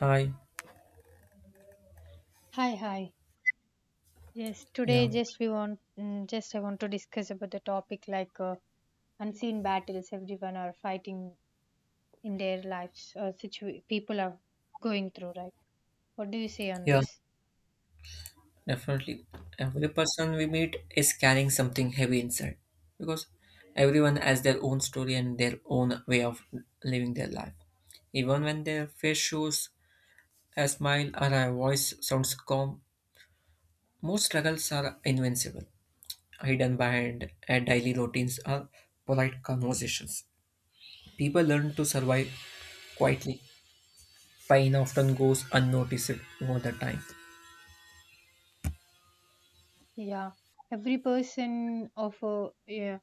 Hi. Hi, hi. Yes, today Yeah. just we want mm, just I want to discuss about the topic unseen battles everyone are fighting in their lives. People are going through, right? What do you say on Yeah, this? definitely. Every person we meet is carrying something heavy inside because everyone has their own story and their own way of living their life. Even when their face shows a smile or a voice sounds calm, most struggles are invincible, hidden behind daily routines or polite conversations. People learn to survive quietly. Pain often goes unnoticed over the time. Yeah, every person of a yeah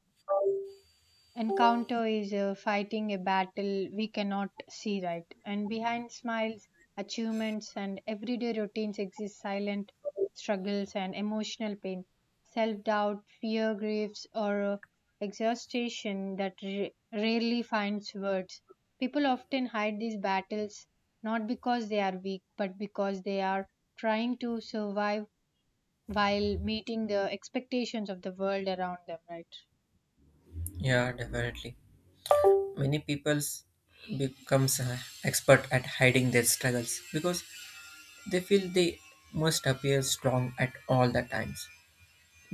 encounter is fighting a battle we cannot see, right, and behind smiles, achievements, and everyday routines exist silent struggles and emotional pain, self doubt, fear, griefs, or exhaustion that rarely finds words. People often hide these battles not because they are weak, but because they are trying to survive while meeting the expectations of the world around them, right? Yeah, definitely. Many peoples becomes expert at hiding their struggles because they feel they must appear strong at all the times.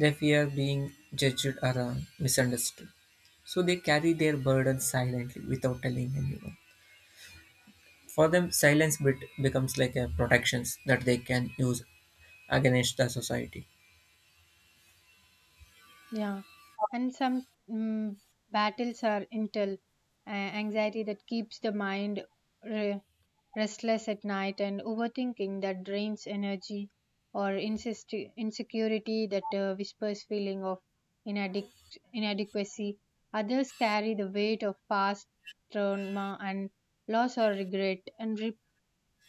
They fear being judged or misunderstood, so they carry their burden silently without telling anyone. For them silence becomes like a protections that they can use against the society. Yeah, and some mm, Battles are intel anxiety that keeps the mind re- restless at night, and overthinking that drains energy, or insecurity that whispers feeling of inadequ- inadequacy. Others carry the weight of past trauma and loss or regret, and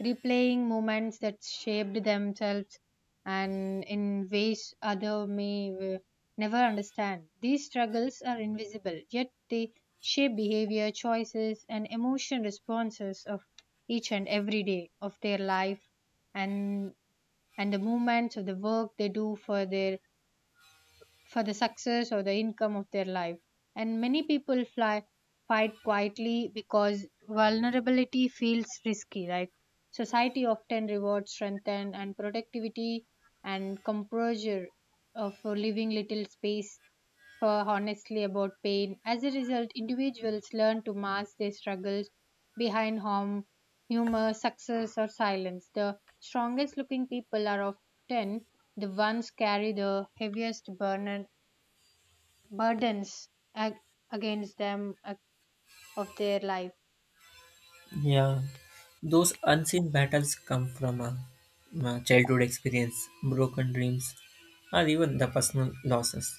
replaying moments that shaped themselves and in ways other may never understand. These struggles are invisible, yet they shape behavior, choices, and emotion responses of each and every day of their life and the movements of the work they do for their for the success or the income of their life. And many people fly fight quietly because vulnerability feels risky, right? Society often rewards strength and productivity and composure, for leaving little space for honestly about pain. As a result, individuals learn to mask their struggles behind harm, humor, success, or silence. The strongest looking people are often the ones carry the heaviest burdens ag- against them of their life. Yeah, those unseen battles come from a childhood experience, broken dreams, or even the personal losses,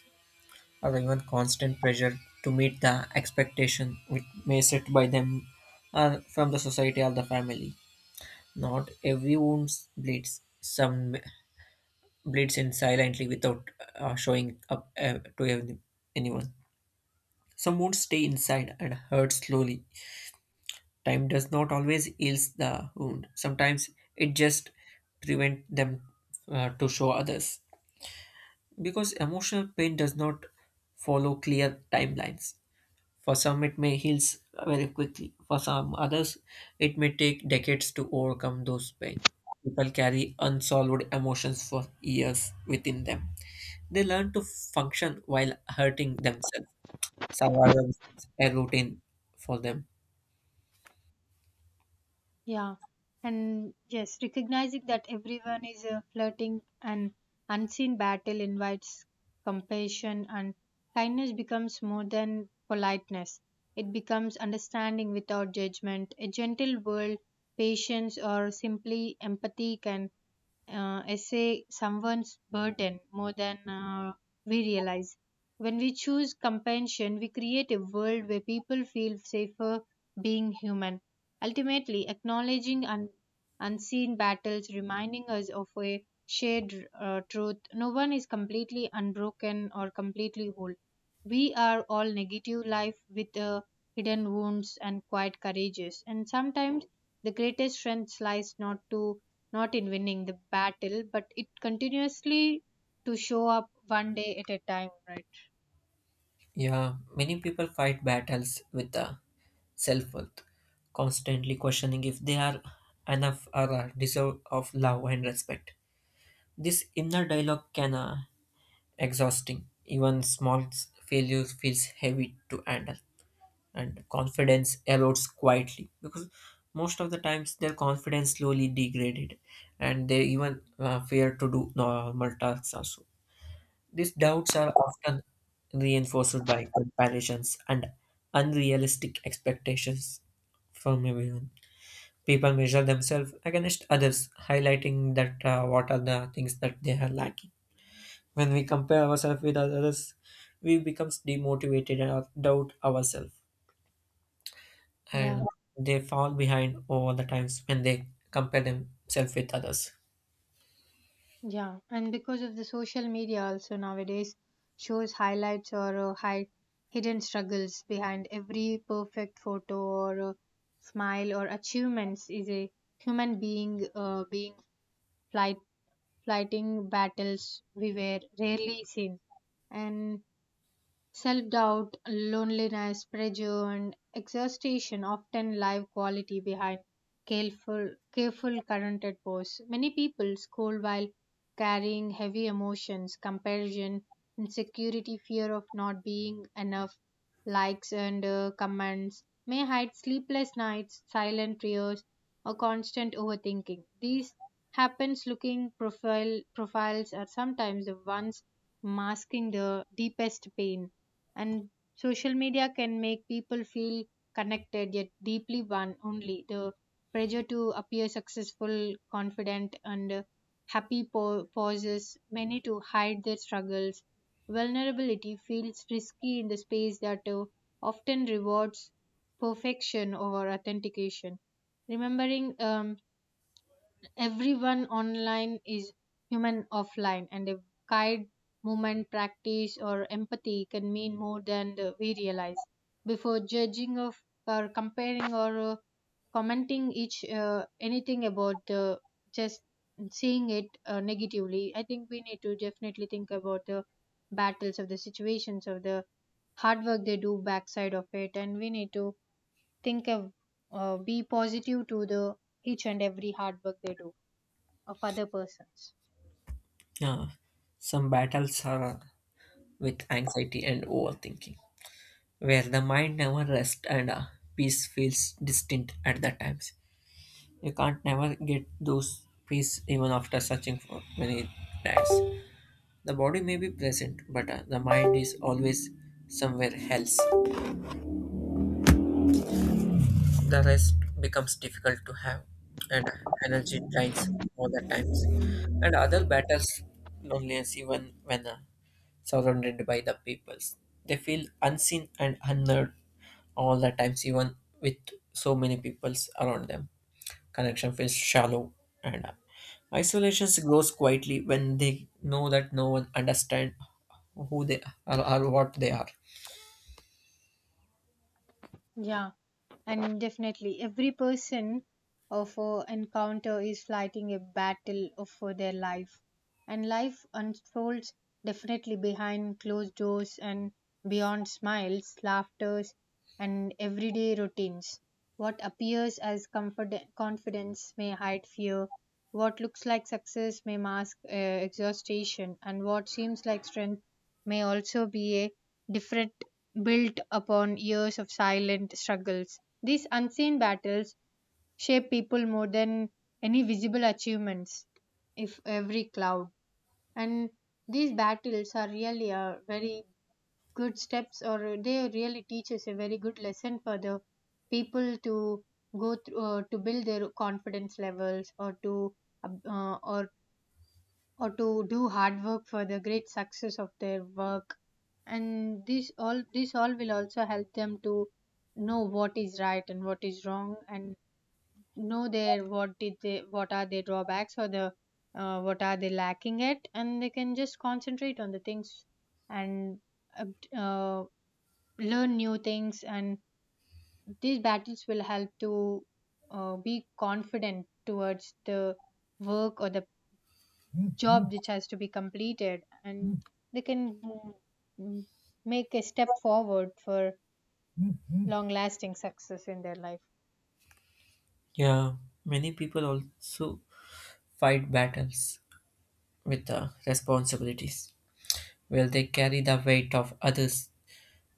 or even constant pressure to meet the expectation which may set by them or from the society or the family. Not every wound bleeds. Some bleeds in silently without showing up to anyone. Some wounds stay inside and hurt slowly. Time does not always heal the wound. Sometimes it just prevents them to show others because emotional pain does not follow clear timelines. For some, it may heal very quickly. For some others, it may take decades to overcome those pain. People carry unsolved emotions for years within them. They learn to function while hurting themselves. Survival becomes a routine for them. Yeah, and yes, recognizing that everyone is flirting an unseen battle invites compassion, and kindness becomes more than politeness. It becomes understanding without judgment. A gentle world, patience, or simply empathy can essay someone's burden more than we realize. When we choose compassion, we create a world where people feel safer being human. Ultimately, acknowledging unseen battles, reminding us of a shared truth no one is completely unbroken or completely whole. We are all negative life with hidden wounds and quiet courages, and sometimes the greatest strength lies not in winning the battle, but it continuously to show up one day at a time, right? Yeah, many people fight battles with the self worth, constantly questioning if they are enough or are deserve of love and respect. This inner dialogue can exhausting. Even small failures feels heavy to handle, and confidence erodes quietly because most of the times their confidence slowly degraded, and they even fear to do normal tasks also. These doubts are often reinforced by comparisons and unrealistic expectations from everyone. People measure themselves against others, highlighting that what are the things that they are lacking. When we compare ourselves with others, we becomes demotivated and doubt ourselves, and Yeah, they fall behind all the times when they compare themselves with others. yeah, and because of the social media, also nowadays shows highlights or hidden struggles behind every perfect photo or smile or achievements is a human being flight fighting battles we were rarely seen, and self doubt, loneliness, pressure, and exhaustion often live quality behind careful currented pose. Many people scold while carrying heavy emotions, comparison, insecurity, fear of not being enough, likes and comments, may hide sleepless nights, silent tears, or constant overthinking. These happens looking profiles are sometimes the ones masking the deepest pain, and social media can make people feel connected yet deeply one only the pressure to appear successful, confident, and happy pauses many to hide their struggles. Vulnerability feels risky in the space that often rewards perfection over authentication. Remembering everyone online is human offline, and a guide movement practice or empathy can mean more than we realize before judging of or comparing or commenting each anything about just seeing it negatively. I think we need to definitely think about the battles of the situations of the hard work they do backside of it, and we need to think of be positive to the each and every hard work they do of other persons. Yeah, some battles are with anxiety and overthinking, where the mind never rests, and peace feels distant at that times. You can't never get those peace even after searching for many times. The body may be present, but the mind is always somewhere else. The rest becomes difficult to have, and energy drains all the times. And other battles, loneliness, even when surrounded by the peoples, they feel unseen and unheard all the times, even with so many peoples around them. Connection feels shallow, and isolation grows quietly when they know that no one understands who they are or what they are. Yeah, and definitely every person of a encounter is fighting a battle of for their life, and life unfolds definitely behind closed doors and beyond smiles, laughters, and everyday routines. What appears as comfort confidence may hide fear. What looks like success may mask exhaustion, and what seems like strength may also be a different built upon years of silent struggles. These unseen battles shape people more than any visible achievements, if every cloud. And these battles are really a very good steps, or they really teach us a very good lesson for the people to go through, to build their confidence levels, or to, uh, or or to do hard work for the great success of their work, and this all will also help them to know what is right and what is wrong, and know their what did they what are their drawbacks or the what are they lacking at, and they can just concentrate on the things and uh, uh, learn new things, and these battles will help to be confident towards the work or the job which has to be completed, and they can mm, make a step forward for long lasting success in their life. Yeah, many people also fight battles with the responsibilities. Well, they carry the weight of others'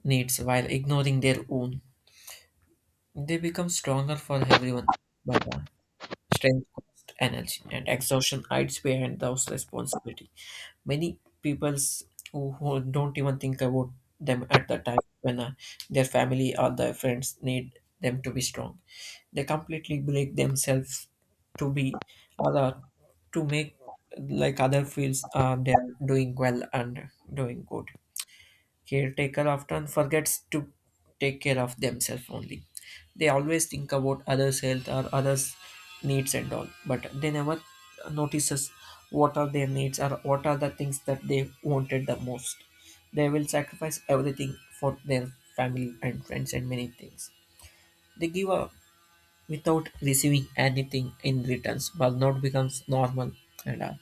needs while ignoring their own. They become stronger for everyone, but strength, cost, energy, and exhaustion hides behind those responsibility. Many peoples who don't even think about them at the time when their family or their friends need them to be strong. They completely break themselves to be other, to make like other feels they are doing well and doing good. Caretaker often forgets to take care of themselves only. They always think about others' health or others' needs and all, but they never notices what are their needs or what are the things that they wanted the most. They will sacrifice everything for their family and friends and many things. They give up without receiving anything in returns. Burnout becomes normal, and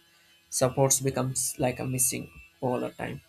supports becomes like a missing all the time.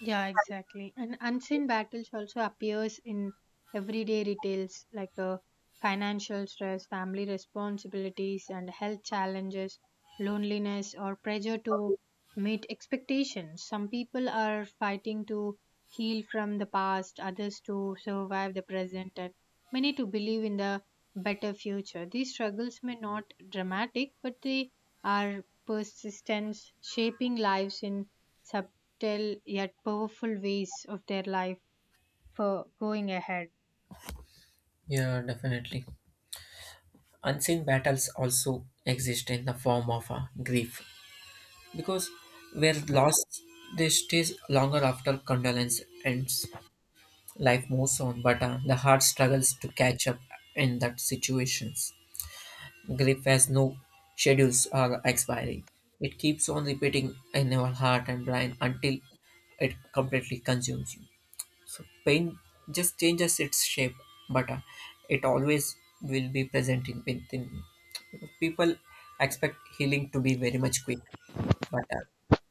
Yeah, exactly. And unseen battles also appears in everyday details like financial stress, family responsibilities, and health challenges, loneliness, or pressure to meet expectations. Some people are fighting to heal from the past, others to survive the present, and many to believe in the better future. These struggles may not dramatic, but they are persistence shaping lives in sub tell yet powerful ways of their life for going ahead. Yeah, definitely. Unseen battles also exist in the form of a grief because where loss, they stays longer after condolence ends. Life moves on, but the heart struggles to catch up. In that situations grief has no schedules or expiry. It keeps on repeating in your heart and brain until it completely consumes you. So pain just changes its shape, but it always will be present in within you. Because people expect healing to be very much quick, but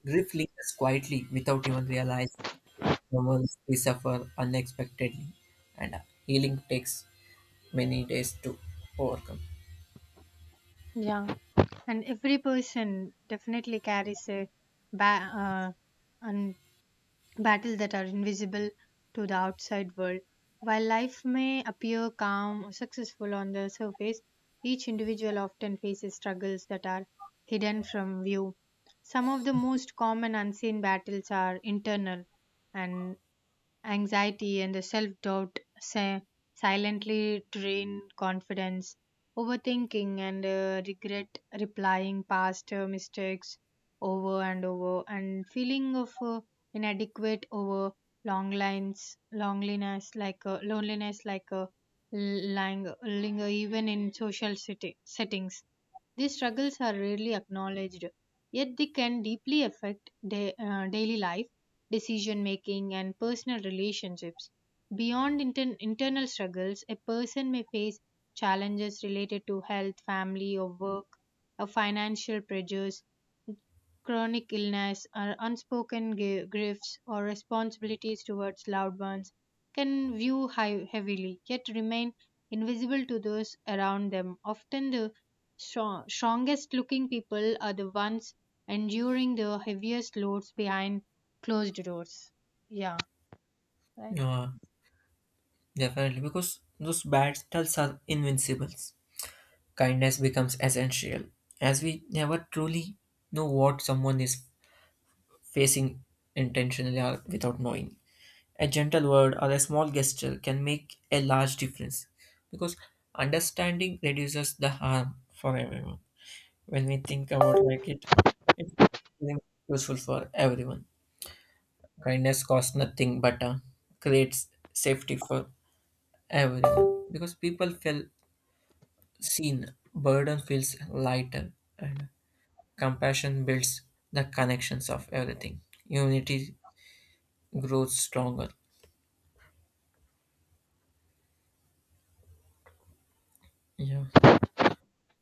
grief lingers quietly without even realize the ones we suffer unexpectedly, and healing takes many days to overcome. Yeah. And every person definitely carries a ba- and battles that are invisible to the outside world. While life may appear calm or successful on the surface, each individual often faces struggles that are hidden from view. Some of the most common unseen battles are internal, and anxiety and the self doubt silently drain confidence. Overthinking and regret replying past mistakes over and over, and feeling of inadequate over long lines, loneliness linger even in social city, settings. These struggles are rarely acknowledged, yet they can deeply affect daily life, decision making, and personal relationships. Beyond internal struggles, a person may face challenges related to health, family, or work, or financial pressures. Chronic illness, or unspoken griefs, or responsibilities towards loved ones can view high, heavily, yet remain invisible to those around them. Often, the strongest looking people are the ones enduring the heaviest loads behind closed doors. Yeah, right. Yeah, definitely, because those battles are invincibles. Kindness becomes essential, as we never truly know what someone is facing intentionally or without knowing. A gentle word or a small gesture can make a large difference because understanding reduces the harm for everyone. When we think about like it, it's useful for everyone. Kindness costs nothing, but creates safety for everyone because people feel seen, burden feels lighter, and compassion builds the connections of everything. Unity grows stronger. Yeah.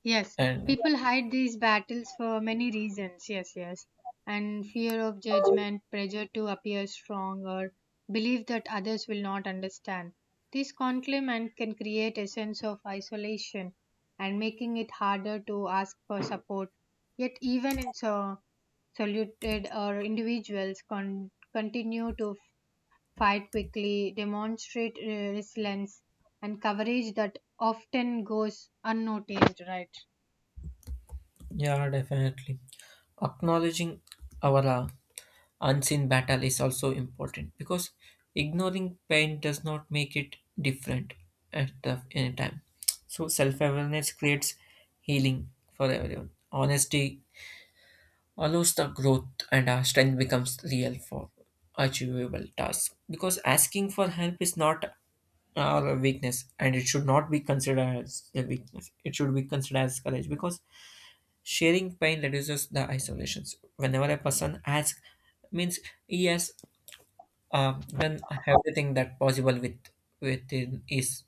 Yes, And people hide these battles for many reasons. Yes, yes. And fear of judgment, pressure to appear strong, or belief that others will not understand. This conflict can create a sense of isolation and making it harder to ask for support. Yet, even in solitude or individuals continue to fight quickly, demonstrate resilience and courage that often goes unnoticed, right? yeah, definitely. Acknowledging our unseen battle is also important because ignoring pain does not make it different at the any time. So self awareness creates healing for everyone. Honesty allows the growth, and our strength becomes real for achievable tasks because asking for help is not our weakness, and it should not be considered as a weakness. It should be considered as courage because sharing pain reduces the isolations. Whenever a person asks, means he has done everything that possible with within his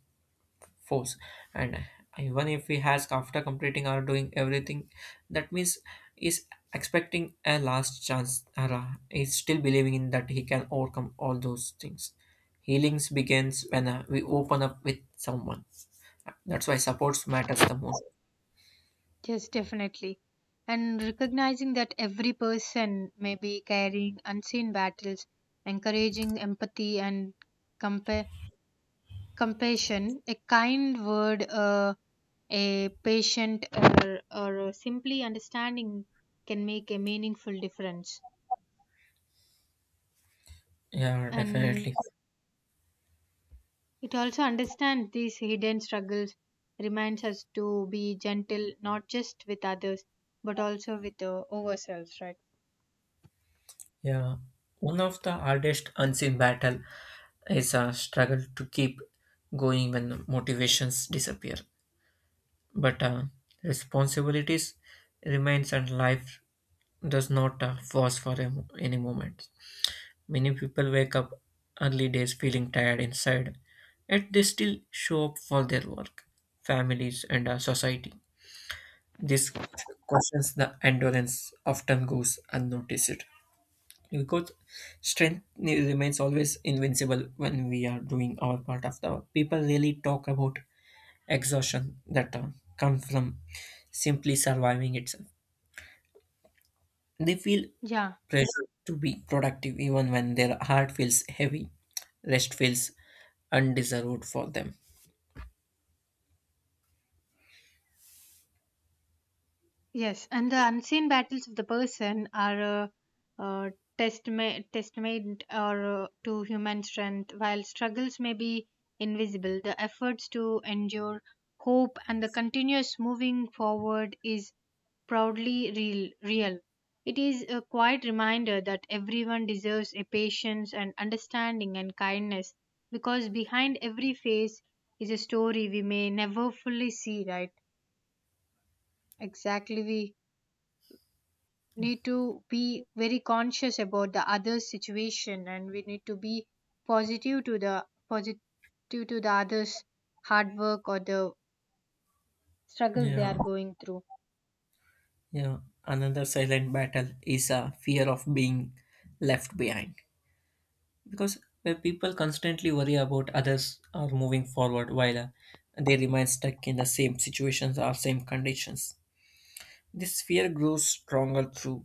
force, and even if he has after completing or doing everything, that means is expecting a last chance or is still believing in that he can overcome all those things. Healings begins when we open up with someone. That's why supports matters the most. Yes, definitely. And recognizing that every person may be carrying unseen battles, encouraging empathy and compa- compassion, a kind word, a patient, or simply understanding can make a meaningful difference. Yeah, And definitely. it also understands these hidden struggles, reminds us to be gentle, not just with others, but also with ourselves, right? Yeah, one of the hardest unseen battle is a struggle to keep going when motivations disappear. But responsibilities remains and life does not pause for a any moment. Many people wake up early days feeling tired inside, yet they still show up for their work, families, and society. This questions the endurance often goes unnoticed, because strength remains always invincible when we are doing our part of the work. People really talk about exhaustion that come from simply surviving itself. They feel Yeah, pressure to be productive even when their heart feels heavy. Rest feels undeserved for them. yes, and the unseen battles of the person are uh testament or to human strength, while struggles may be invisible. The efforts to endure hope and the continuous moving forward is proudly real. It is a quiet reminder that everyone deserves a patience and understanding and kindness because behind every face is a story we may never fully see, right? Exactly, we need to be very conscious about the other's situation, and we need to be positive to the others hard work or the struggles they Yeah, are going through. yeah. Another silent battle is a fear of being left behind, because when people constantly worry about others are moving forward while they remain stuck in the same situations or same conditions, this fear grows stronger through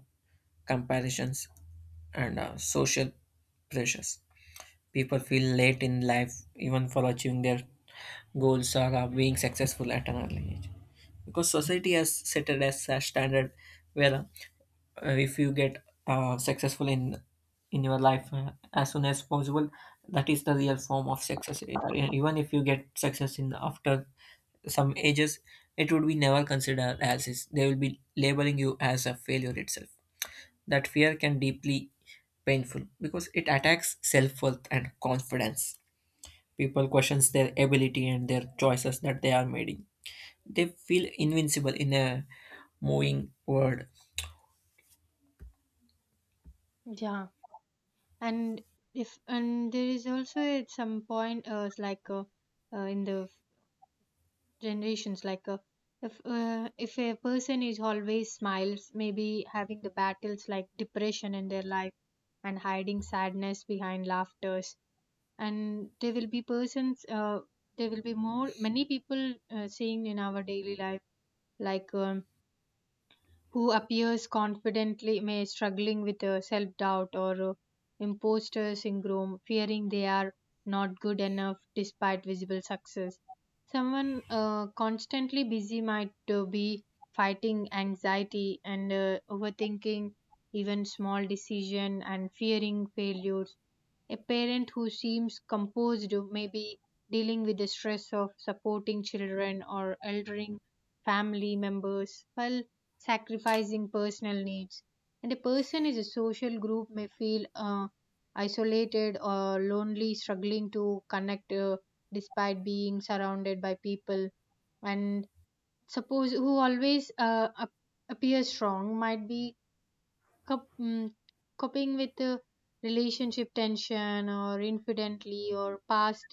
comparisons and social pressures. People feel late in life even for achieving their goals or being successful at an early age because society has set it as a standard where if you get successful in your life as soon as possible, that is the real form of success. Even if you get success in after some ages, it would be never considered as is. They will be labeling you as a failure itself. That fear can deeply painful because it attacks self-worth and confidence. People questions their ability and their choices that they are making. They feel invincible in a moving world. Yeah, and if and there is also at some point it's like in the generations if a person is always smiles maybe having the battles like depression in their life and hiding sadness behind laughters, and there will be persons there will be more many people seeing in our daily life like who appears confidently may struggling with self-doubt or imposter syndrome fearing they are not good enough despite visible success. Someone constantly busy might be fighting anxiety and overthinking even small decision and fearing failures. A parent who seems composed may be dealing with the stress of supporting children or eldering family members, while sacrificing personal needs. And a person is a social group may feel isolated or lonely, struggling to connect despite being surrounded by people. And suppose who always appear strong might be cop- mm, coping with relationship tension or infidelity or past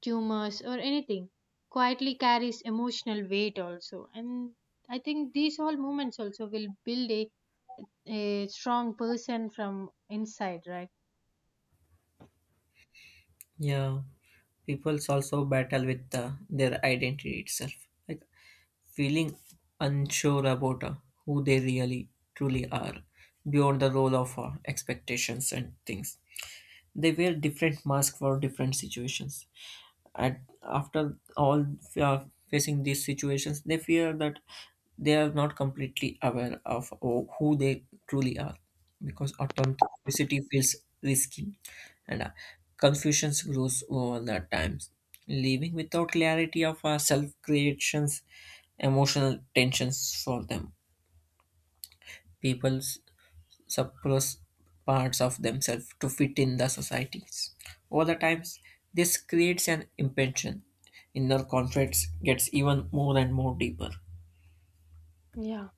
tumors or anything quietly carries emotional weight also, and I think these all moments also will build a strong person from inside, right? Yeah, people's also battle with their identity itself, like feeling unsure about who they really truly are beyond the role of expectations and things. They wear different masks for different situations, and after all uh, facing these situations they fear that they are not completely aware of who they truly are because authenticity feels risky, and confusion grows over the times, leaving without clarity of self creations emotional tensions for them. People suppress parts of themselves to fit in the societies. Over the times, this creates an impression. Inner conflict gets even more and more deeper. Yeah.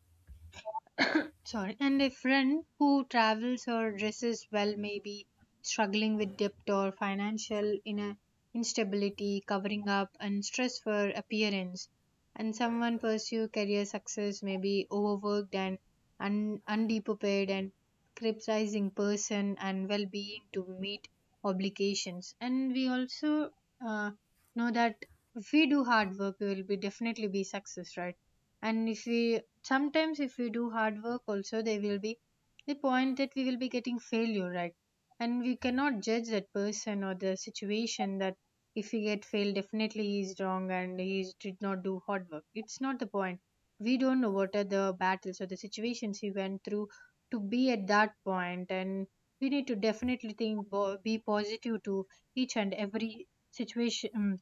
Sorry, and a friend who travels or dresses well may be struggling with debt or financial in a instability covering up and stress for appearance, and someone pursue career success may be overworked and undepaid and criticizing person and well-being to meet obligations. And we also uh, know that if we do hard work we will be definitely be success, right? And if we sometimes if we do hard work also, there will be the point that we will be getting failure, right? And we cannot judge that person or the situation that if he get failed definitely he is wrong and did not do hard work, it's not the point. We don't know what are the battles or the situations he went through to be at that point. And we need to definitely think be positive to each and every situation,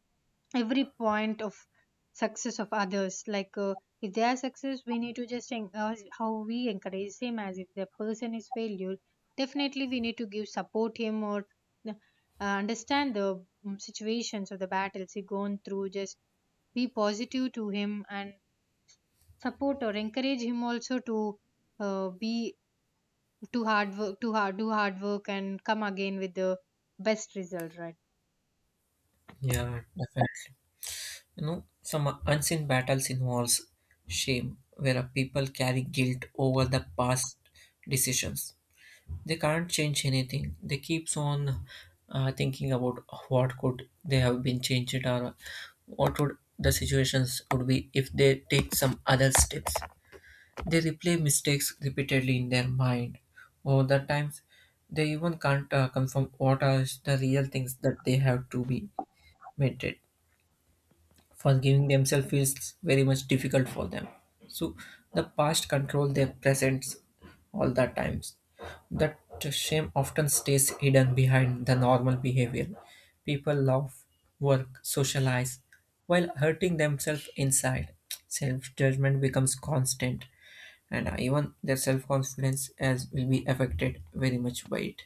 every point of success of others, like if they are success we need to just how we encourage him. As if the person is failure, definitely we need to give support him or understand the situations or the battles he gone through. Just be positive to him and support or encourage him also to be to hard work to hard do hard work and come again with the best result, right? Yeah, definitely. You know, some unseen battles involves shame, where a people carry guilt over the past decisions. They can't change anything. They keeps on thinking about what could they have been changed or what would the situations would be if they take some other steps. They replay mistakes repeatedly in their mind over the times. They even can't confirm what are the real things that they have to be mended. Forgiving themselves feels very much difficult for them, so the past control their presents all the times. That shame often stays hidden behind the normal behavior. People love, work, socialize, while hurting themselves inside. Self judgment becomes constant, and even their self confidence as will be affected very much by it.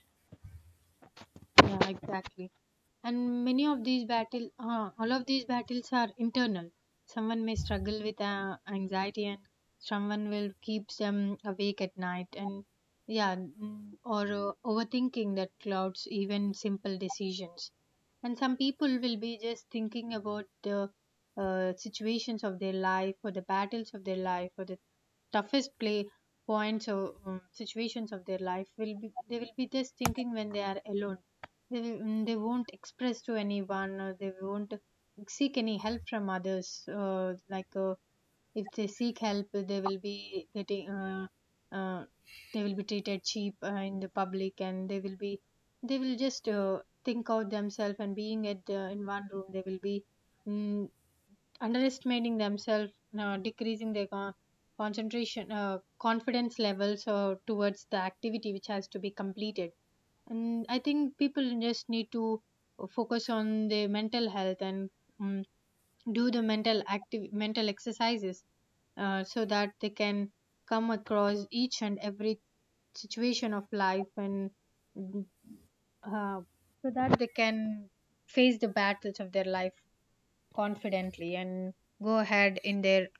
Yeah, exactly. And many of these battle, all of these battles are internal. Someone may struggle with anxiety, and someone will keep them awake at night. And yeah, mm, or overthinking that clouds even simple decisions. And some people will be just thinking about the situations of their life or the battles of their life or the toughest play points or situations of their life. Will be they will be just thinking when they are alone, they will, mm, they won't express to anyone or they won't seek any help from others, if they seek help, they will be getting uh, they will be treated cheap in the public, and they will just think out themselves. And being at the, in one room, they will be, mm, underestimating themselves, decreasing their concentration, confidence levels towards the activity which has to be completed. And I think people just need to focus on their mental health and, um, do the mental exercises, so that they can come across each and every situation of life and, mm, uh, so that they can face the battles of their life confidently and go ahead in their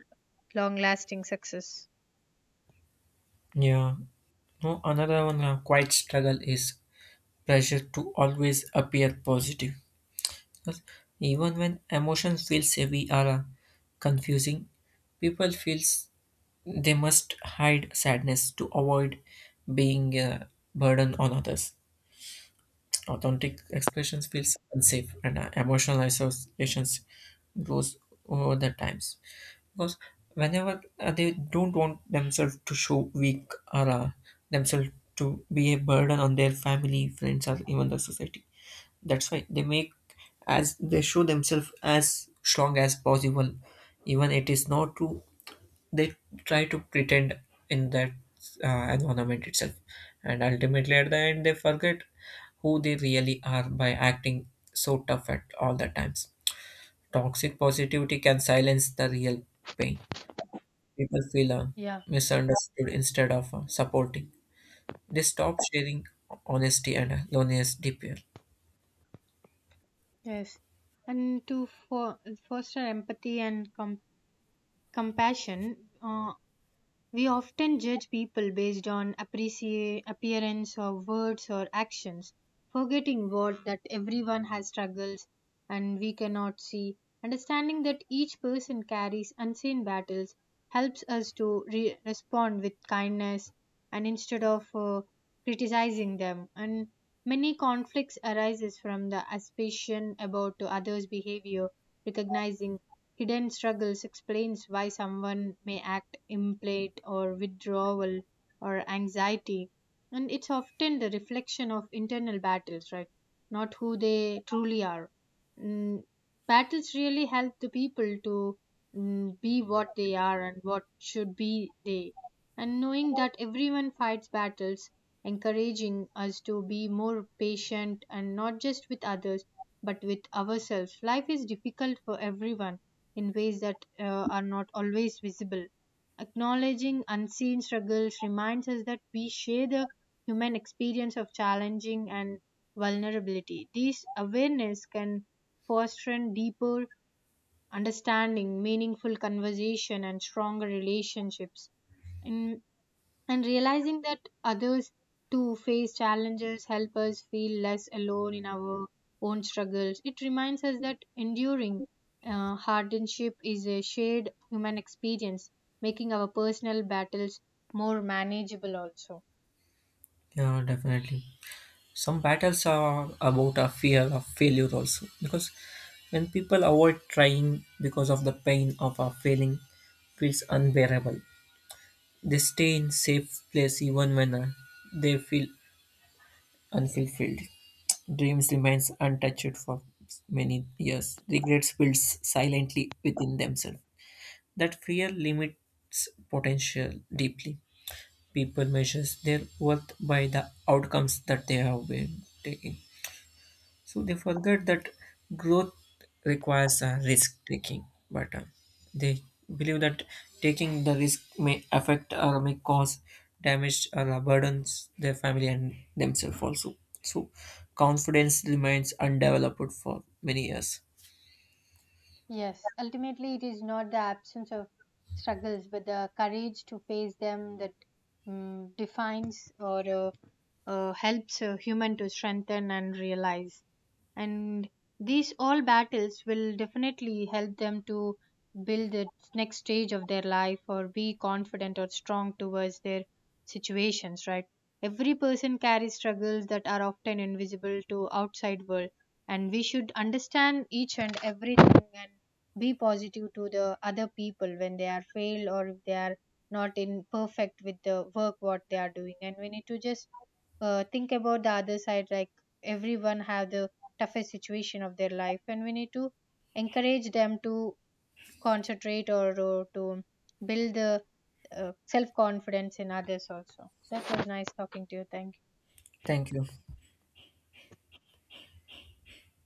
long lasting success. Yeah. No, another one quite struggle is pressure to always appear positive. 'Cause even when emotions feels heavy or confusing, people feels they must hide sadness to avoid being a burden on others. Authentic expressions feels unsafe, and emotional associations grows over the times because whenever they don't want themselves to show weak or themselves to be a burden on their family, friends, or even the society. That's why they make as they show themselves as strong as possible, even it is not true. They try to pretend in that environment itself, and ultimately at the end they forget who they really are by acting so tough at all the times. Toxic positivity can silence the real pain. People feel Yeah, misunderstood. Instead of supporting, they stop sharing honesty, and loneliness deeper. yes, and to foster empathy and compassion, uh, we often judge people based on appearance or words or actions, forgetting what that everyone has struggles and we cannot see. Understanding that each person carries unseen battles helps us to respond with kindness and instead of criticizing them. And many conflicts arises from the suspicion about others' behavior. Recognizing hidden struggles explains why someone may act implate or withdrawal or anxiety. And it's often the reflection of internal battles, right? Not who they truly are. Mm, battles really help the people to, mm, be what they are and what should be they. And knowing that everyone fights battles, encouraging us to be more patient and not just with others, but with ourselves. Life is difficult for everyone in ways that are not always visible. Acknowledging unseen struggles reminds us that we share the human experience of challenging and vulnerability. This awareness can foster an deeper understanding, meaningful conversation, and stronger relationships. In and realizing that others too face challenges help us feel less alone in our own struggles. It reminds us that enduring hardship is a shared human experience, making our personal battles more manageable also. Yeah, definitely, some battles are about a fear of failure also because when people avoid trying because of the pain of a failing feels unbearable, they stay in safe place even when they feel unfulfilled. Dreams remains untouched for many years. Regrets builds silently within themselves. That fear limits potential deeply. People measures their worth by the outcomes that they have been taking. So they forget that growth requires risk taking, but they believe that taking the risk may affect or may cause damage or burdens their family and themselves also. So confidence remains undeveloped for many years. Yes, ultimately it is not the absence of struggles but the courage to face them that, mm, defines or helps a human to strengthen and realize. And these all battles will definitely help them to build the next stage of their life or be confident or strong towards their situations, right? Every person carries struggles that are often invisible to outside world, and we should understand each and everything and be positive to the other people when they are failed or if they are not in perfect with the work what they are doing. And we need to just think about the other side, like everyone have the toughest situation of their life and we need to encourage them to concentrate or to build the self confidence in others also. That was nice talking to you, thank you. Thank you.